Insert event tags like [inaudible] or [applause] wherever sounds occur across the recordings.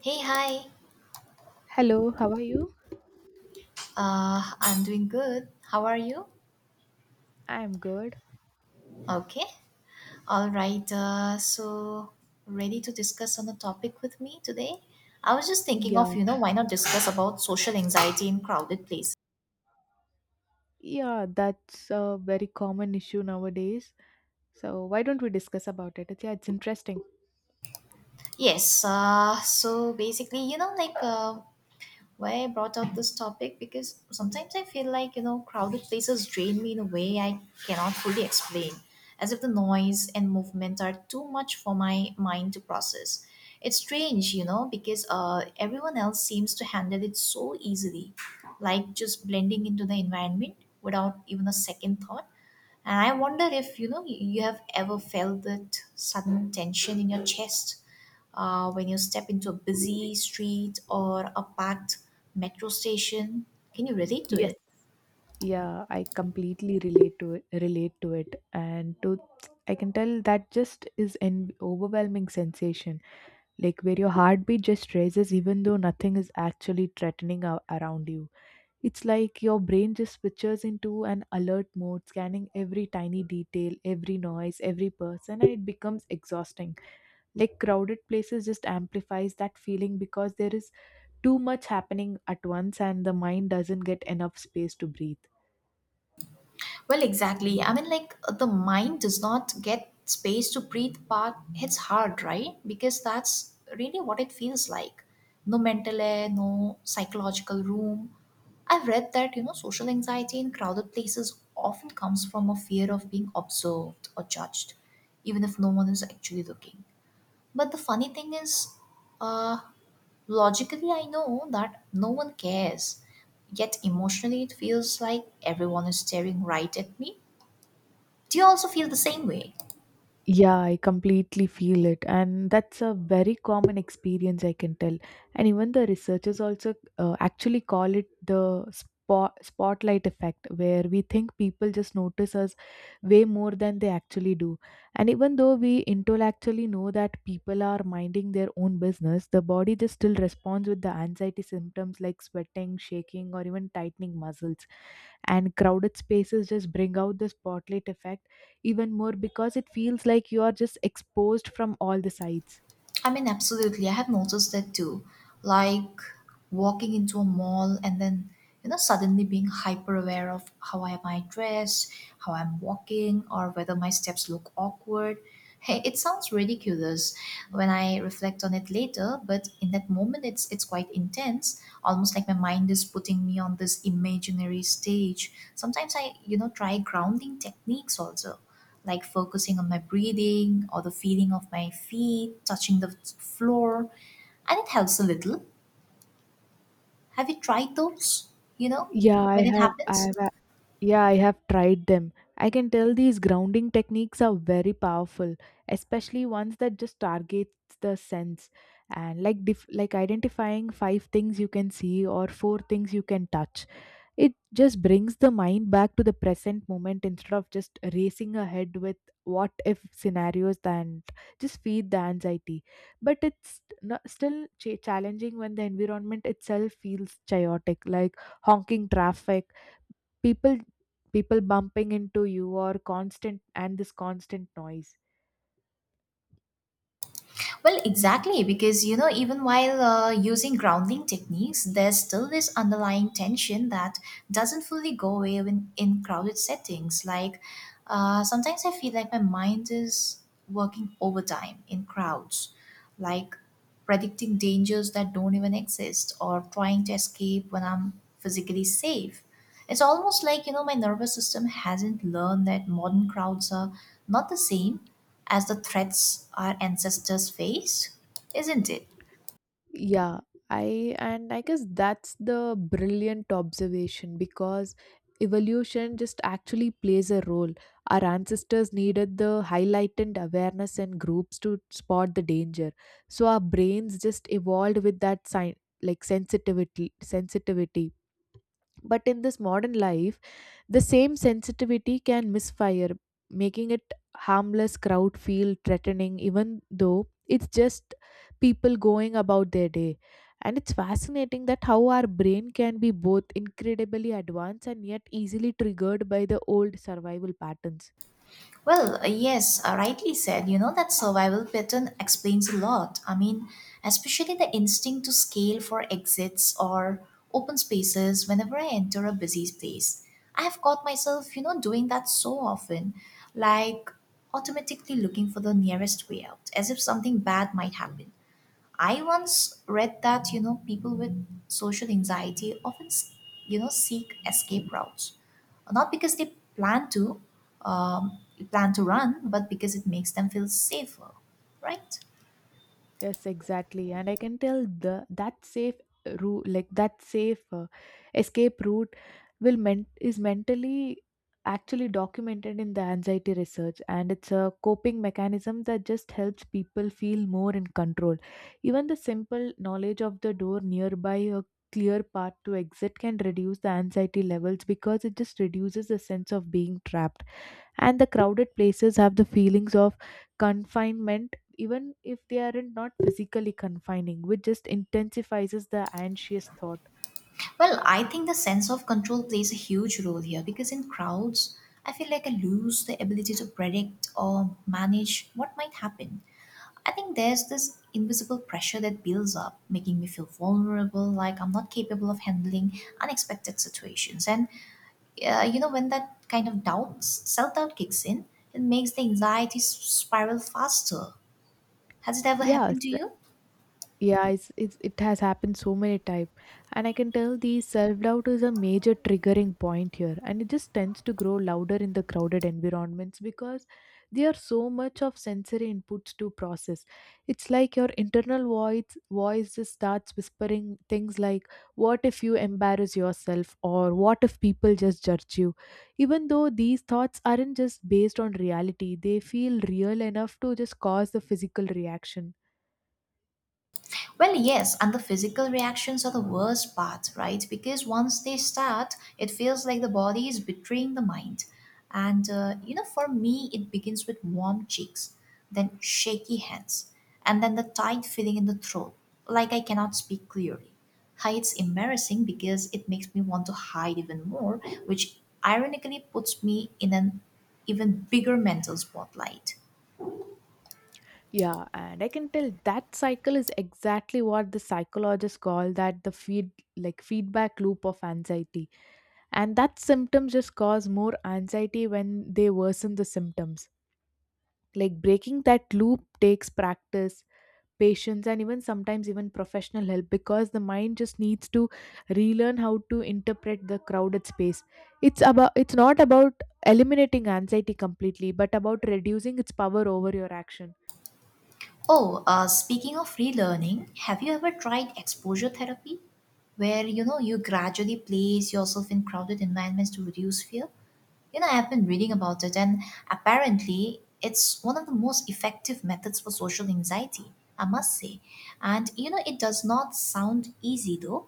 Hey, hi. Hello, how are you? I'm doing good. How are you? I'm good. Okay. All right. Ready to discuss on a topic with me today? I was just thinking Yeah, of, why not discuss about social anxiety in crowded places? yeah, that's a very common issue nowadays. So why don't we discuss about it? It's, yeah, it's interesting. Yes. So basically, why I brought up this topic because sometimes I feel like, you know, crowded places drain me in a way I cannot fully explain, as if the noise and movement are too much for my mind to process. It's strange, you know, because everyone else seems to handle it so easily, like just blending into the environment without even a second thought. And I wonder if you have ever felt that sudden tension in your chest when you step into a busy street or a packed metro station. Can you relate to Yes. it? Yeah, I completely relate to it and to I can tell that just is an overwhelming sensation, like where your heartbeat just raises even though nothing is actually threatening around you. It's like your brain just switches into an alert mode, scanning every tiny detail, every noise, every person, and it becomes exhausting. Like crowded places just amplifies that feeling because there is too much happening at once and the mind doesn't get enough space to breathe. Well, exactly. I mean, like the mind does not get space to breathe, but it's hard, right? Because that's really what it feels like. No mental air, no psychological room. I've read that, you know, social anxiety in crowded places often comes from a fear of being observed or judged, even if no one is actually looking. But the funny thing is, uh, logically, I know that no one cares. Yet emotionally, it feels like everyone is staring right at me. Do you also feel the same way? Yeah, I completely feel it. And that's a very common experience, I can tell. And even the researchers also actually call it the spotlight effect, where we think people just notice us way more than they actually do. And even though we intellectually know that people are minding their own business, the body just still responds with the anxiety symptoms like sweating, shaking, or even tightening muscles, and crowded spaces just bring out the spotlight effect even more because it feels like you are just exposed from all the sides. I mean, absolutely. I have noticed that too. Like walking into a mall and then, you know, suddenly being hyper aware of how I might dress, how I'm walking, or whether my steps look awkward. Hey, it sounds ridiculous when I reflect on it later, but in that moment, it's quite intense. Almost like my mind is putting me on this imaginary stage. Sometimes I, you know, try grounding techniques also like focusing on my breathing or the feeling of my feet touching the floor, and it helps a little. Have you tried those? You know, yeah i when it have i happens? have a- yeah I have tried them. I can tell these grounding techniques are very powerful, especially ones that just targets the sense, and like identifying five things you can see or four things you can touch. It just brings the mind back to the present moment instead of just racing ahead with what if scenarios and just feed the anxiety. But it's not, still challenging when the environment itself feels chaotic, like honking traffic, people people bumping into you or constant and this constant noise. Well, exactly, because you know, even while using grounding techniques, there's still this underlying tension that doesn't fully go away in crowded settings. Sometimes I feel like my mind is working overtime in crowds, like predicting dangers that don't even exist or trying to escape when I'm physically safe. It's almost like, you know, my nervous system hasn't learned that modern crowds are not the same as the threats our ancestors face, isn't it? Yeah, I and I guess that's the brilliant observation because evolution just actually plays a role. Our ancestors needed the highlighted awareness and groups to spot the danger. So our brains just evolved with that sign like sensitivity sensitivity. But in this modern life, the same sensitivity can misfire, making it harmless crowd feel threatening even though it's just people going about their day. And it's fascinating that how our brain can be both incredibly advanced and yet easily triggered by the old survival patterns. Rightly said. You know, that survival pattern explains a lot. I mean, especially the instinct to scale for exits or open spaces whenever I enter a busy place. I have caught myself, you know, doing that so often, like automatically looking for the nearest way out, as if something bad might happen. I once read that people with social anxiety often seek escape routes, not because they plan to um, plan to run, but because it makes them feel safer, right? Yes, exactly. And I can tell the that safe route, like that safe escape route, will ment is mentally actually documented in the anxiety research, and it's a coping mechanism that just helps people feel more in control. Even the simple knowledge of the door nearby, a clear path to exit, can reduce the anxiety levels because it just reduces the sense of being trapped, and the crowded places have the feelings of confinement even if they aren't not physically confining, which just intensifies the anxious thought. Well, I think the sense of control plays a huge role here because in crowds, I feel like I lose the ability to predict or manage what might happen. I think there's this invisible pressure that builds up, making me feel vulnerable, like I'm not capable of handling unexpected situations. You know, when that kind of doubt, self doubt kicks in, it makes the anxiety spiral faster. Has it ever Yes. happened to you? Yeah, it has happened so many times, and I can tell the self doubt is a major triggering point here, and it just tends to grow louder in the crowded environments because there are so much of sensory inputs to process. It's like your internal voice just starts whispering things like, "What if you embarrass yourself?" or "What if people just judge you?" Even though these thoughts aren't just based on reality, they feel real enough to just cause the physical reaction. Well, yes, and the physical reactions are the worst part, right? Because once they start, it feels like the body is betraying the mind. You know, for me, it begins with warm cheeks, then shaky hands, and then the tight feeling in the throat, like I cannot speak clearly. Hi, it's embarrassing because it makes me want to hide even more, which ironically puts me in an even bigger mental spotlight. Yeah, and I can tell that cycle is exactly what the psychologists call that the feed like feedback loop of anxiety. And that symptoms just cause more anxiety when they worsen the symptoms. Like breaking that loop takes practice, patience, and even sometimes even professional help because the mind just needs to relearn how to interpret the crowded space. It's not about eliminating anxiety completely, but about reducing its power over your action. Oh, Speaking of relearning, have you ever tried exposure therapy, where you gradually place yourself in crowded environments to reduce fear? You know, I've been reading about it, and apparently, it's one of the most effective methods for social anxiety. I must say, and you know, it does not sound easy though,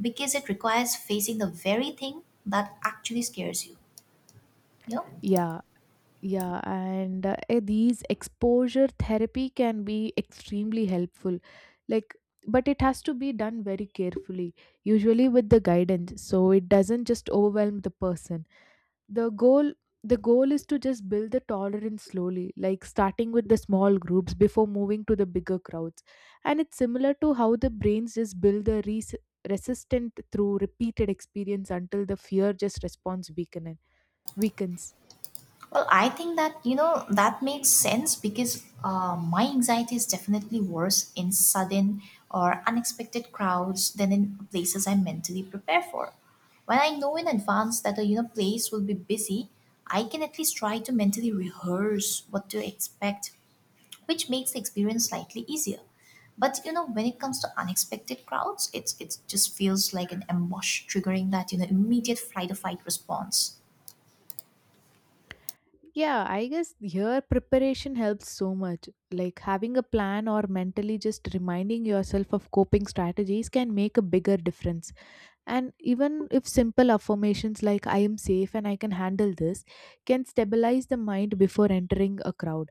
because it requires facing the very thing that actually scares you. You know. Yeah, yeah, and these exposure therapy can be extremely helpful. Like, but it has to be done very carefully, usually with the guidance, so it doesn't just overwhelm the person. The goal the goal is to just build the tolerance slowly, like starting with the small groups before moving to the bigger crowds. And it's similar to how the brains just build the resistant through repeated experience until the fear just response weakens. Well, I think that, you know, that makes sense because my anxiety is definitely worse in sudden or unexpected crowds than in places I mentally prepare for. When I know in advance that a you know place will be busy, I can at least try to mentally rehearse what to expect, which makes the experience slightly easier. But you know, when it comes to unexpected crowds, it just feels like an ambush triggering that, you know, immediate flight or fight response. Yeah, I guess here preparation helps so much. Like having a plan or mentally just reminding yourself of coping strategies can make a bigger difference. And even if simple affirmations like I am safe and I can handle this can stabilize the mind before entering a crowd.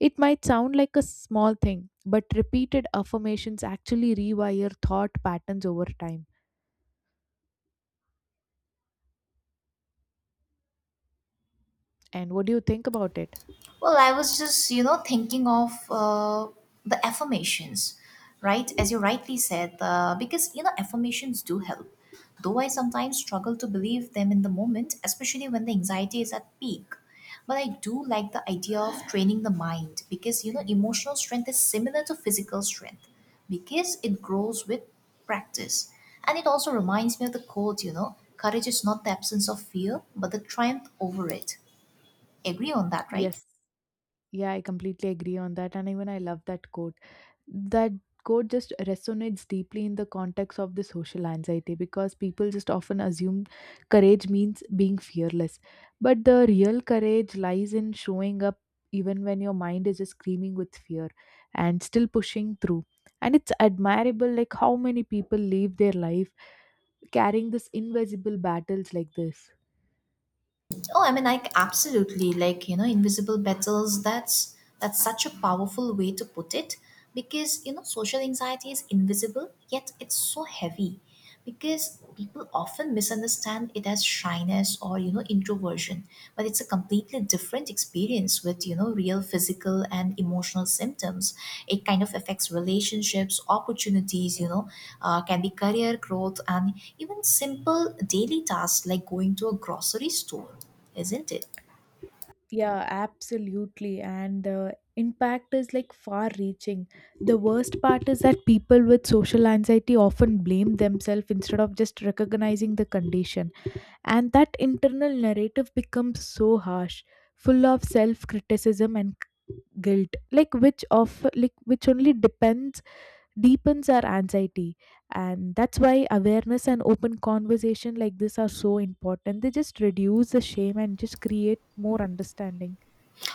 It might sound like a small thing, but repeated affirmations actually rewire thought patterns over time. And what do you think about it? Well, I was just, you know, thinking of the affirmations, right? As you rightly said, because, you know, affirmations do help. Though I sometimes struggle to believe them in the moment, especially when the anxiety is at peak. But I do like the idea of training the mind because, you know, emotional strength is similar to physical strength because it grows with practice. And it also reminds me of the quote, you know, courage is not the absence of fear, but the triumph over it. Agree on that, right? Yes. Yeah, I completely agree on that. And even I love that quote. That quote just resonates deeply in the context of the social anxiety because people just often assume courage means being fearless, but the real courage lies in showing up even when your mind is just screaming with fear and still pushing through. And it's admirable like how many people live their life carrying this invisible battles like this. Oh, I mean, like absolutely, like you know, invisible battles. That's such a powerful way to put it, because you know, social anxiety is invisible, yet it's so heavy, because people often misunderstand it as shyness or you know, introversion, but it's a completely different experience with you know real physical and emotional symptoms. It kind of affects relationships, opportunities, can be career growth and even simple daily tasks like going to a grocery store, isn't it? Yeah, absolutely. And the impact is like far reaching. The worst part is that people with social anxiety often blame themselves instead of just recognizing the condition. And that internal narrative becomes so harsh, full of self criticism and guilt, like which of like which only depends deepens our anxiety, and that's why awareness and open conversation like this are so important. They just reduce the shame and just create more understanding.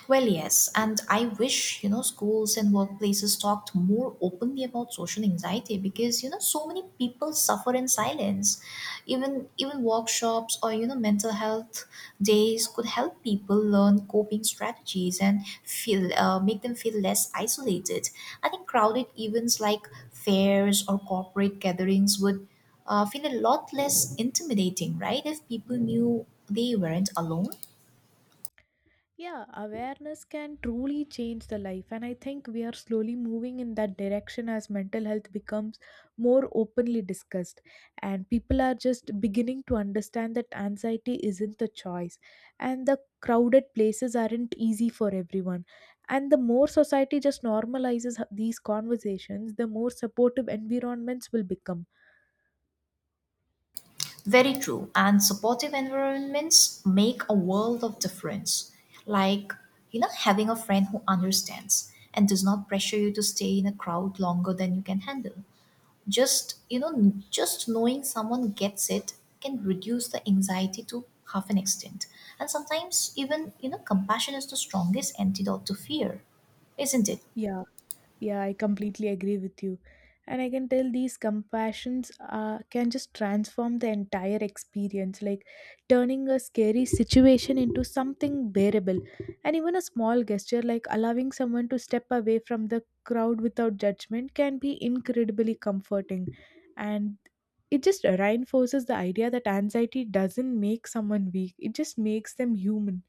Well, yes, and I wish, you know, schools and workplaces talked more openly about social anxiety because, you know, so many people suffer in silence. Even workshops or, you know, mental health days could help people learn coping strategies and feel make them feel less isolated. I think crowded events like fairs or corporate gatherings would feel a lot less intimidating, right? If people knew they weren't alone. Yeah, awareness can truly change the life, and I think we are slowly moving in that direction as mental health becomes more openly discussed, and people are just beginning to understand that anxiety isn't a choice, and the crowded places aren't easy for everyone. And the more society just normalizes these conversations, the more supportive environments will become. Very true. And supportive environments make a world of difference. Like, you know, having a friend who understands and does not pressure you to stay in a crowd longer than you can handle. Just knowing someone gets it can reduce the anxiety to half an extent. And sometimes, even, you know, compassion is the strongest antidote to fear, isn't it? Yeah. Yeah, I completely agree with you. And I can tell these compassions can just transform the entire experience, like turning a scary situation into something bearable. And even a small gesture like allowing someone to step away from the crowd without judgment can be incredibly comforting. And it just reinforces the idea that anxiety doesn't make someone weak, it just makes them human.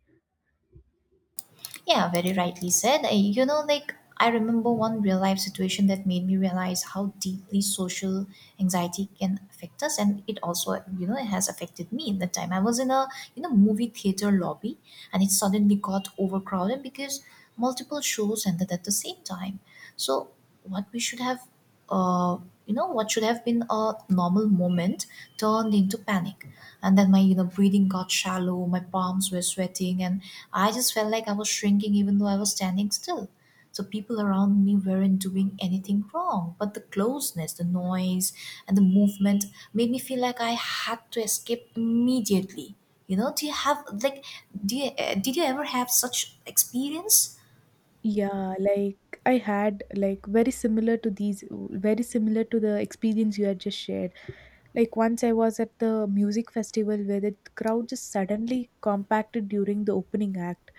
Yeah, very rightly said. You know, like I remember one real life situation that made me realize how deeply social anxiety can affect us, and it also, you know, it has affected me in that time. I was in a you know movie theater lobby, and it suddenly got overcrowded because multiple shows ended at the same time. So what we should have uh, what should have been a normal moment turned into panic, and then my you know breathing got shallow, my palms were sweating, and I just felt like I was shrinking even though I was standing still. So people around me weren't doing anything wrong, but the closeness, the noise, and the movement made me feel like I had to escape immediately. You know do you have like do you, Did you ever have such experience? Yeah, like I had like very similar to the experience you had just shared. Like once I was at the music festival where the crowd just suddenly compacted during the opening act.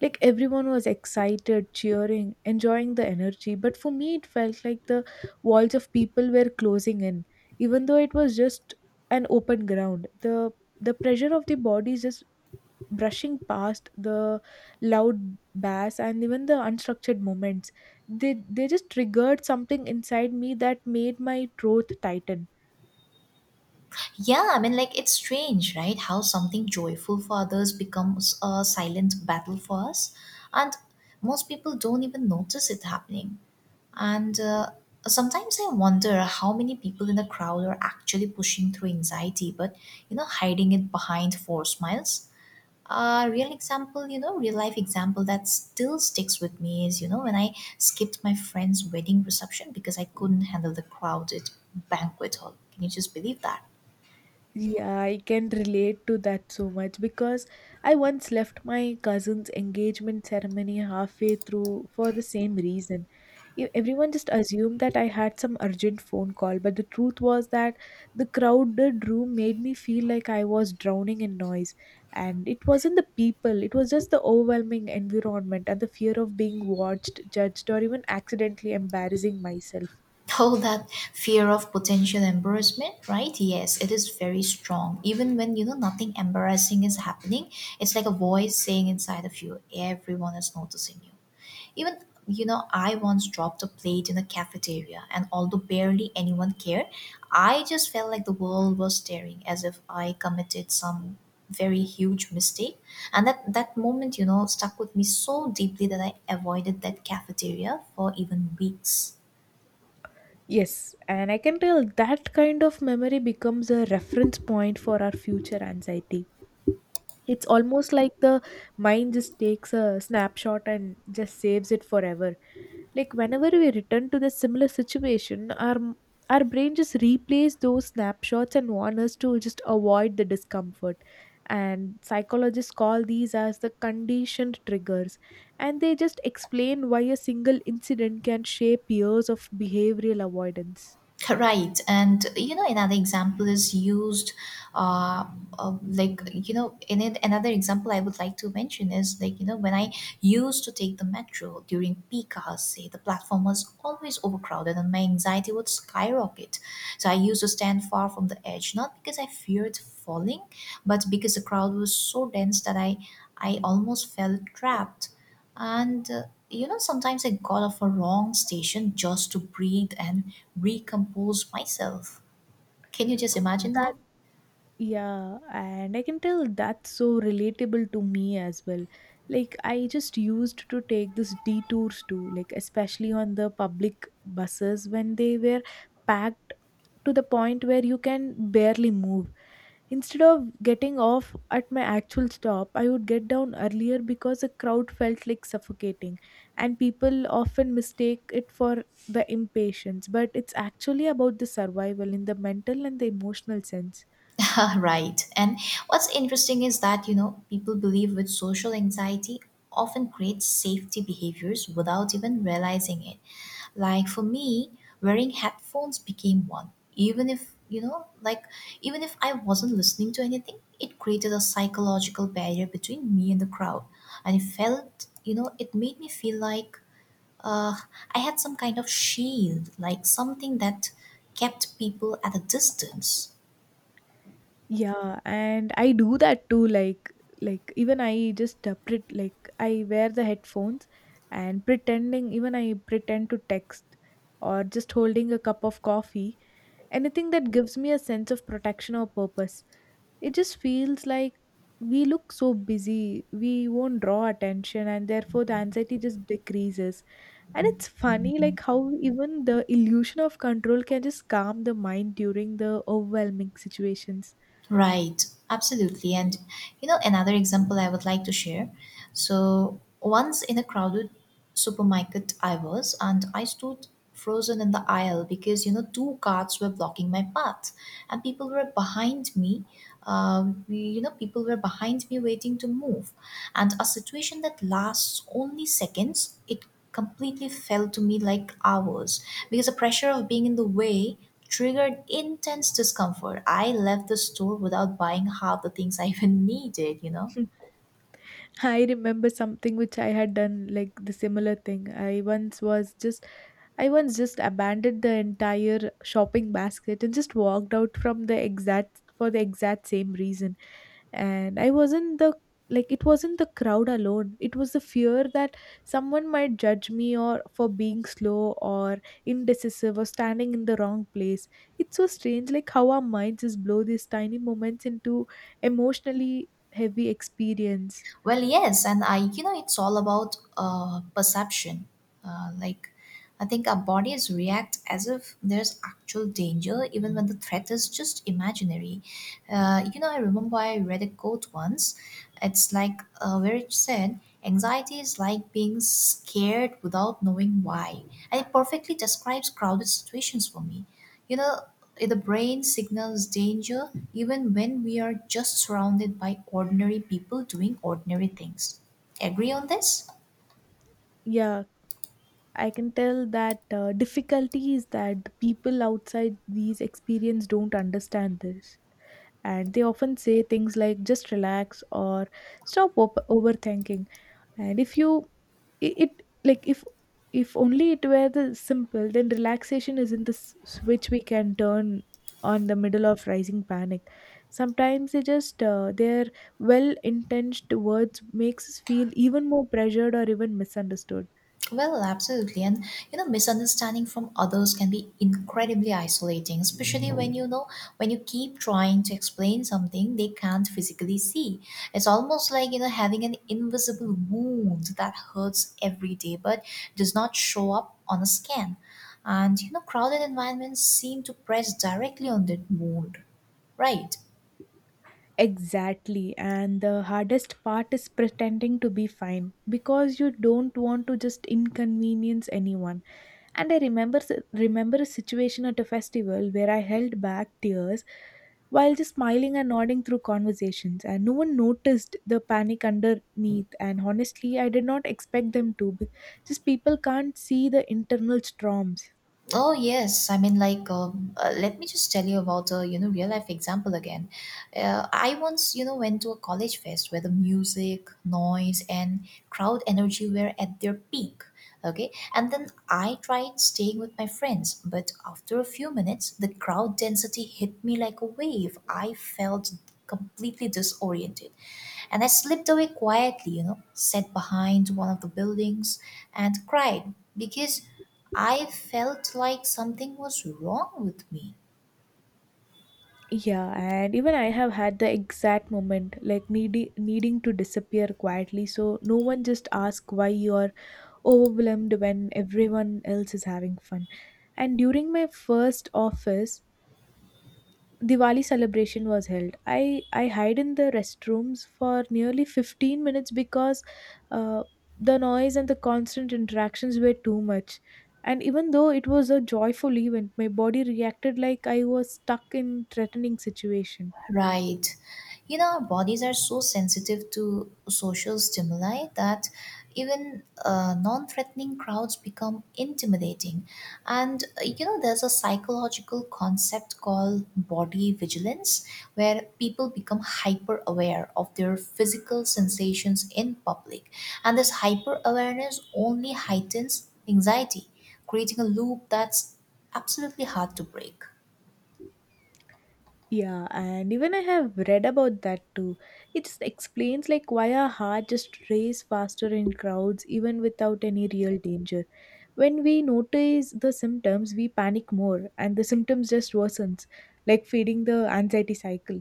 Like everyone was excited, cheering, enjoying the energy. But for me, it felt like the walls of people were closing in, even though it was just an open ground. The pressure of the body just brushing past the loud bass and even the unstructured moments, they just triggered something inside me that made my throat tighten. Yeah, I mean, like it's strange, right? How something joyful for others becomes a silent battle for us, and most people don't even notice it happening. And sometimes I wonder how many people in the crowd are actually pushing through anxiety, but you know, hiding it behind four smiles. A real example, real life example that still sticks with me is, you know, when I skipped my friend's wedding reception because I couldn't handle the crowded banquet hall. Can you just believe that? Yeah, I can relate to that so much because I once left my cousin's engagement ceremony halfway through for the same reason. Everyone just assumed that I had some urgent phone call, but the truth was that the crowded room made me feel like I was drowning in noise. And it wasn't the people, it was just the overwhelming environment and the fear of being watched, judged, or even accidentally embarrassing myself. Oh, that fear of potential embarrassment, right? Yes, it is very strong. Even when you know nothing embarrassing is happening, it's like a voice saying inside of you, everyone is noticing you. Even you know, I once dropped a plate in a cafeteria, and although barely anyone cared, I just felt like the world was staring as if I committed some very huge mistake. And that moment, you know, stuck with me so deeply that I avoided that cafeteria for even weeks. Yes, and I can tell that kind of memory becomes a reference point for our future anxiety. It's almost like the mind just takes a snapshot and just saves it forever. Like whenever we return to the similar situation, our brain just replays those snapshots and warns us to just avoid the discomfort. And psychologists call these as the conditioned triggers, and they just explain why a single incident can shape years of behavioral avoidance. Correct. And you know, another example is used, uh, like, you know, in it, another example I would like to mention is like, you know, when I used to take the metro during peak hours, say the platform was always overcrowded and my anxiety would skyrocket. So I used to stand far from the edge, not because I feared falling, but because the crowd was so dense that I almost felt trapped. And sometimes I got off a wrong station just to breathe and recompose myself. Can you just imagine That that? Yeah, and I can tell that's so relatable to me as well. Like I just used to take this detours too, like especially on the public buses when they were packed to the point where you can barely move. Instead of getting off at my actual stop, I would get down earlier because the crowd felt like suffocating, and people often mistake it for the impatience, but it's actually about the survival in the mental and the emotional sense. [laughs] Right. And what's interesting is that, people believe with social anxiety often creates safety behaviors without even realizing it. Like for me, wearing headphones became one. Even if, you know, like, even if I wasn't listening to anything, it created a psychological barrier between me and the crowd. And it felt, it made me feel like uh, I had some kind of shield, like something that kept people at a distance. Yeah, and I do that too. Like even I just pret like I wear the headphones and pretending. Even I pretend to text or just holding a cup of coffee. Anything that gives me a sense of protection or purpose. It just feels like we look so busy, we won't draw attention, and therefore the anxiety just decreases. And it's funny, like how even the illusion of control can just calm the mind during the overwhelming situations. Right, absolutely. And you know, another example I would like to share. So, once in a crowded supermarket, I was, and I stood frozen in the aisle because you know, two carts were blocking my path, and people were behind me. People were behind me waiting to move, and a situation that lasts only seconds, it completely felt to me like hours because the pressure of being in the way triggered intense discomfort. I left the store without buying half the things I even [laughs] needed, you know. I remember something which I had done like the similar thing. I once just abandoned the entire shopping basket and just walked out from the exact for the exact same reason. And I wasn't the like it wasn't the crowd alone. It was the fear that someone might judge me or for being slow or indecisive or standing in the wrong place. It's so strange like how our minds just blow these tiny moments into emotionally heavy experience. Well, yes, and I, you know, it's all about perception. Uh, like, I think our bodies react as if there's actual danger, even when the threat is just imaginary. You know, I remember I read a quote once. It's like where it said, "Anxiety is like being scared without knowing why," and it perfectly describes crowded situations for me. You know, the brain signals danger even when we are just surrounded by ordinary people doing ordinary things. Agree on this? Yeah, I can tell that difficulty is that the people outside these experience don't understand this. And they often say things like just relax or overthinking. And if you, it like if if only it were the simple, then relaxation isn't the switch we can turn on the middle of rising panic. Sometimes they just their well intentioned words makes us feel even more pressured or even misunderstood. Well, absolutely. And you know, misunderstanding from others can be incredibly isolating, especially when when you keep trying to explain something they can't physically see. It's almost like you know having an invisible wound that hurts every day but does not show up on a scan. And you know, crowded environments seem to press directly on that wound, right? Exactly. And the hardest part is pretending to be fine because you don't want to just inconvenience anyone. And remember a situation at a festival where I held back tears while just smiling and nodding through conversations, and no one noticed the panic underneath, and honestly I did not expect them to. Just people can't see the internal storms. Oh yes, I mean like let me just tell you about a you know real life example again. I once you know went to a college fest where the music, noise, and crowd energy were at their peak. Okay, and then I tried staying with my friends, but after a few minutes, the crowd density hit me like a wave. I felt completely disoriented. And I slipped away quietly, you know, sat behind one of the buildings and cried because I felt like something was wrong with me. Yeah, and even I have had the exact moment, like needy needing to disappear quietly, so no one just asks why you're overwhelmed when everyone else is having fun. And during my first office Diwali celebration was held. I hide in the restrooms for nearly 15 minutes because uh, the noise and the constant interactions were too much. And even though it was a joyful event, my body reacted like I was stuck in threatening situation. Right. You know, our bodies are so sensitive to social stimuli that even non threatening crowds become intimidating. And, you know, there's a psychological concept called body vigilance, where people become hyper aware of their physical sensations in public. And this hyper awareness only heightens anxiety, creating a loop that's absolutely hard to break. Yeah, and even I have read about that too. It just explains like why our heart just race faster in crowds even without any real danger. When we notice the symptoms, we panic more and the symptoms just worsens, like feeding the anxiety cycle.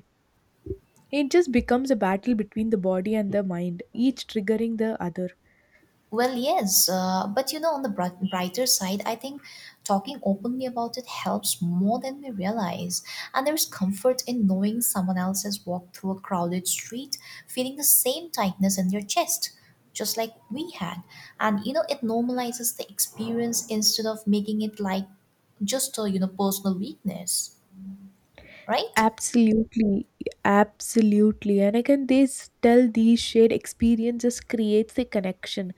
It just becomes a battle between the body and the mind, each triggering the other. Well, yes, but you know, on the brighter side, I think talking openly about it helps more than we realize. And there's comfort in knowing someone else has walked through a crowded street feeling the same tightness in their chest, just like we had. And you know, it normalizes the experience instead of making it like just a, you know, personal weakness, right? Absolutely, absolutely. And again, they tell these shared experiences creates a connection,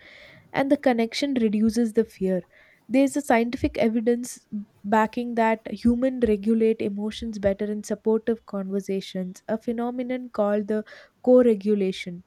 and the connection reduces the fear. There's a scientific evidence backing that humans regulate emotions better in supportive conversations, a phenomenon called the co regulation.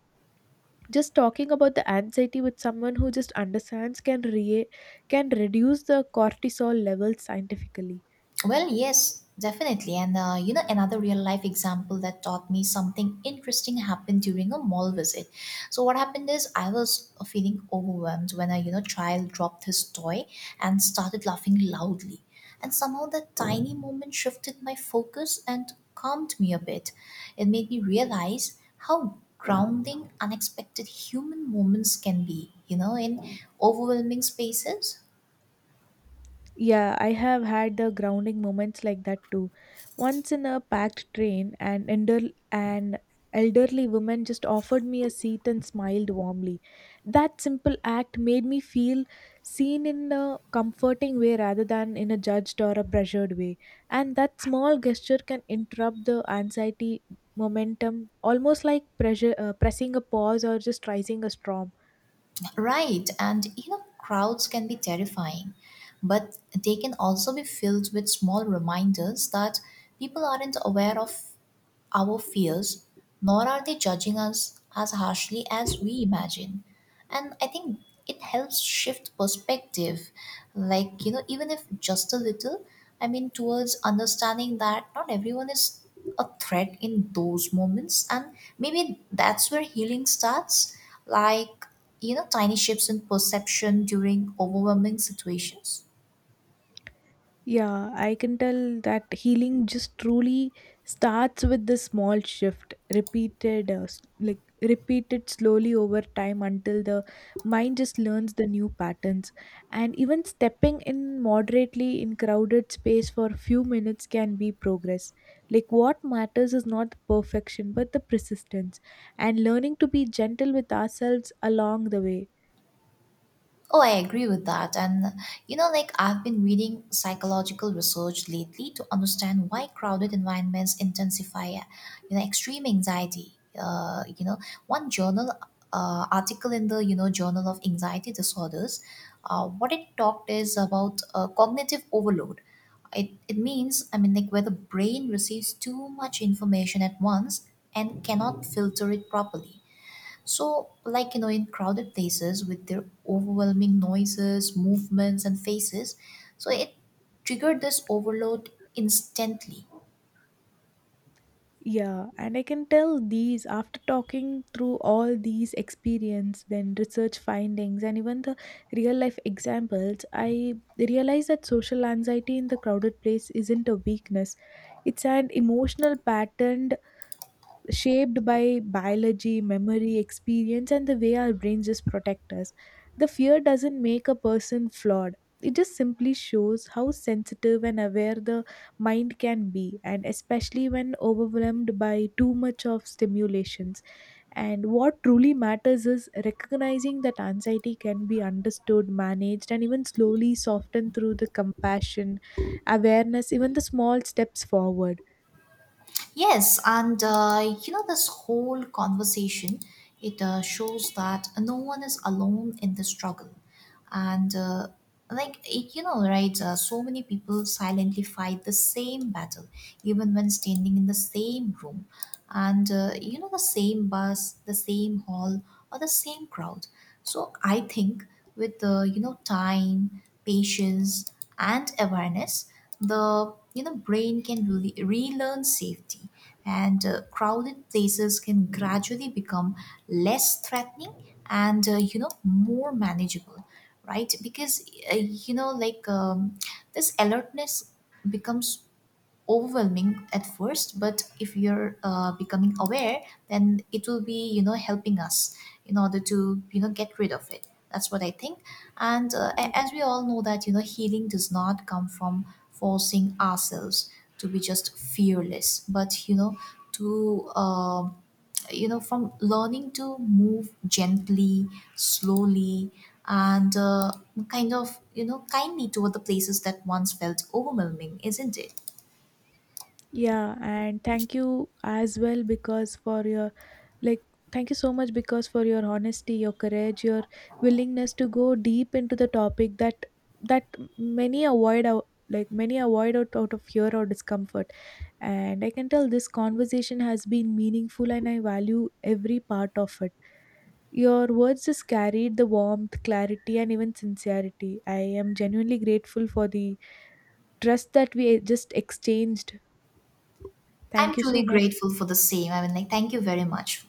Just talking about the anxiety with someone who just understands can reduce the cortisol levels scientifically. Well, yes, definitely. And you know, another real life example that taught me something interesting happened during a mall visit. So what happened is I was feeling overwhelmed when a you know child dropped his toy and started laughing loudly. And somehow that tiny moment shifted my focus and calmed me a bit. It made me realize how grounding unexpected human moments can be, you know, in overwhelming spaces. Yeah, I have had the grounding moments like that too. Once in a packed train, an elderly woman just offered me a seat and smiled warmly. That simple act made me feel seen in a comforting way rather than in a judged or a pressured way. And that small gesture can interrupt the anxiety momentum, almost like pressure, pressing a pause or just rising a storm. Right, and you know, crowds can be terrifying, but they can also be filled with small reminders that people aren't aware of our fears, nor are they judging us as harshly as we imagine. And I think it helps shift perspective, like, you know, even if just a little, I mean, towards understanding that not everyone is a threat in those moments. And maybe that's where healing starts, like, you know, tiny shifts in perception during overwhelming situations. Yeah, I can tell that healing just truly starts with the small shift, like repeated slowly over time until the mind just learns the new patterns. And even stepping in moderately in crowded space for a few minutes can be progress. Like what matters is not the perfection, but the persistence and learning to be gentle with ourselves along the way. Oh, I agree with that. And you know, like I've been reading psychological research lately to understand why crowded environments intensify, you know, extreme anxiety. You know, one journal article in the you know Journal of Anxiety Disorders, what it talked is about cognitive overload. It means I mean like where the brain receives too much information at once and cannot filter it properly so, like, you know, in crowded places with their overwhelming noises, movements, and faces, so it triggered this overload instantly. Yeah, and I can tell these after talking through all these experience, then research findings, and even the real life examples, I realize that social anxiety in the crowded place isn't a weakness. It's an emotional pattern shaped by biology, memory, experience, and the way our brains just protect us. The fear doesn't make a person flawed. It just simply shows how sensitive and aware the mind can be, and especially when overwhelmed by too much of stimulations. And what truly matters is recognizing that anxiety can be understood, managed, and even slowly softened through the compassion, awareness, even the small steps forward. Yes, and you know, this whole conversation, it shows that no one is alone in the struggle. And you know right so many people silently fight the same battle even when standing in the same room, and you know, the same bus, the same hall, or the same crowd. So I think with you know, time, patience, and awareness, the you know brain can really relearn safety, and crowded places can gradually become less threatening and you know more manageable, right? Because you know like this alertness becomes overwhelming at first, but if you're becoming aware, then it will be you know helping us in order to you know get rid of it. That's what I think. And as we all know that you know healing does not come from forcing ourselves to be just fearless, but you know to you know from learning to move gently, slowly, and kind of you know kindly toward the places that once felt overwhelming, isn't it? Yeah, and thank you as well because for your like thank you so much because for your honesty, your courage, your willingness to go deep into the topic that many avoid out like many avoid out, out of fear or discomfort. And I can tell this conversation has been meaningful and I value every part of it. Your words just carried the warmth, clarity and even sincerity. I am genuinely grateful for the trust that we just exchanged. Thank I'm you so truly much. grateful for the same. I mean, like, thank you very much.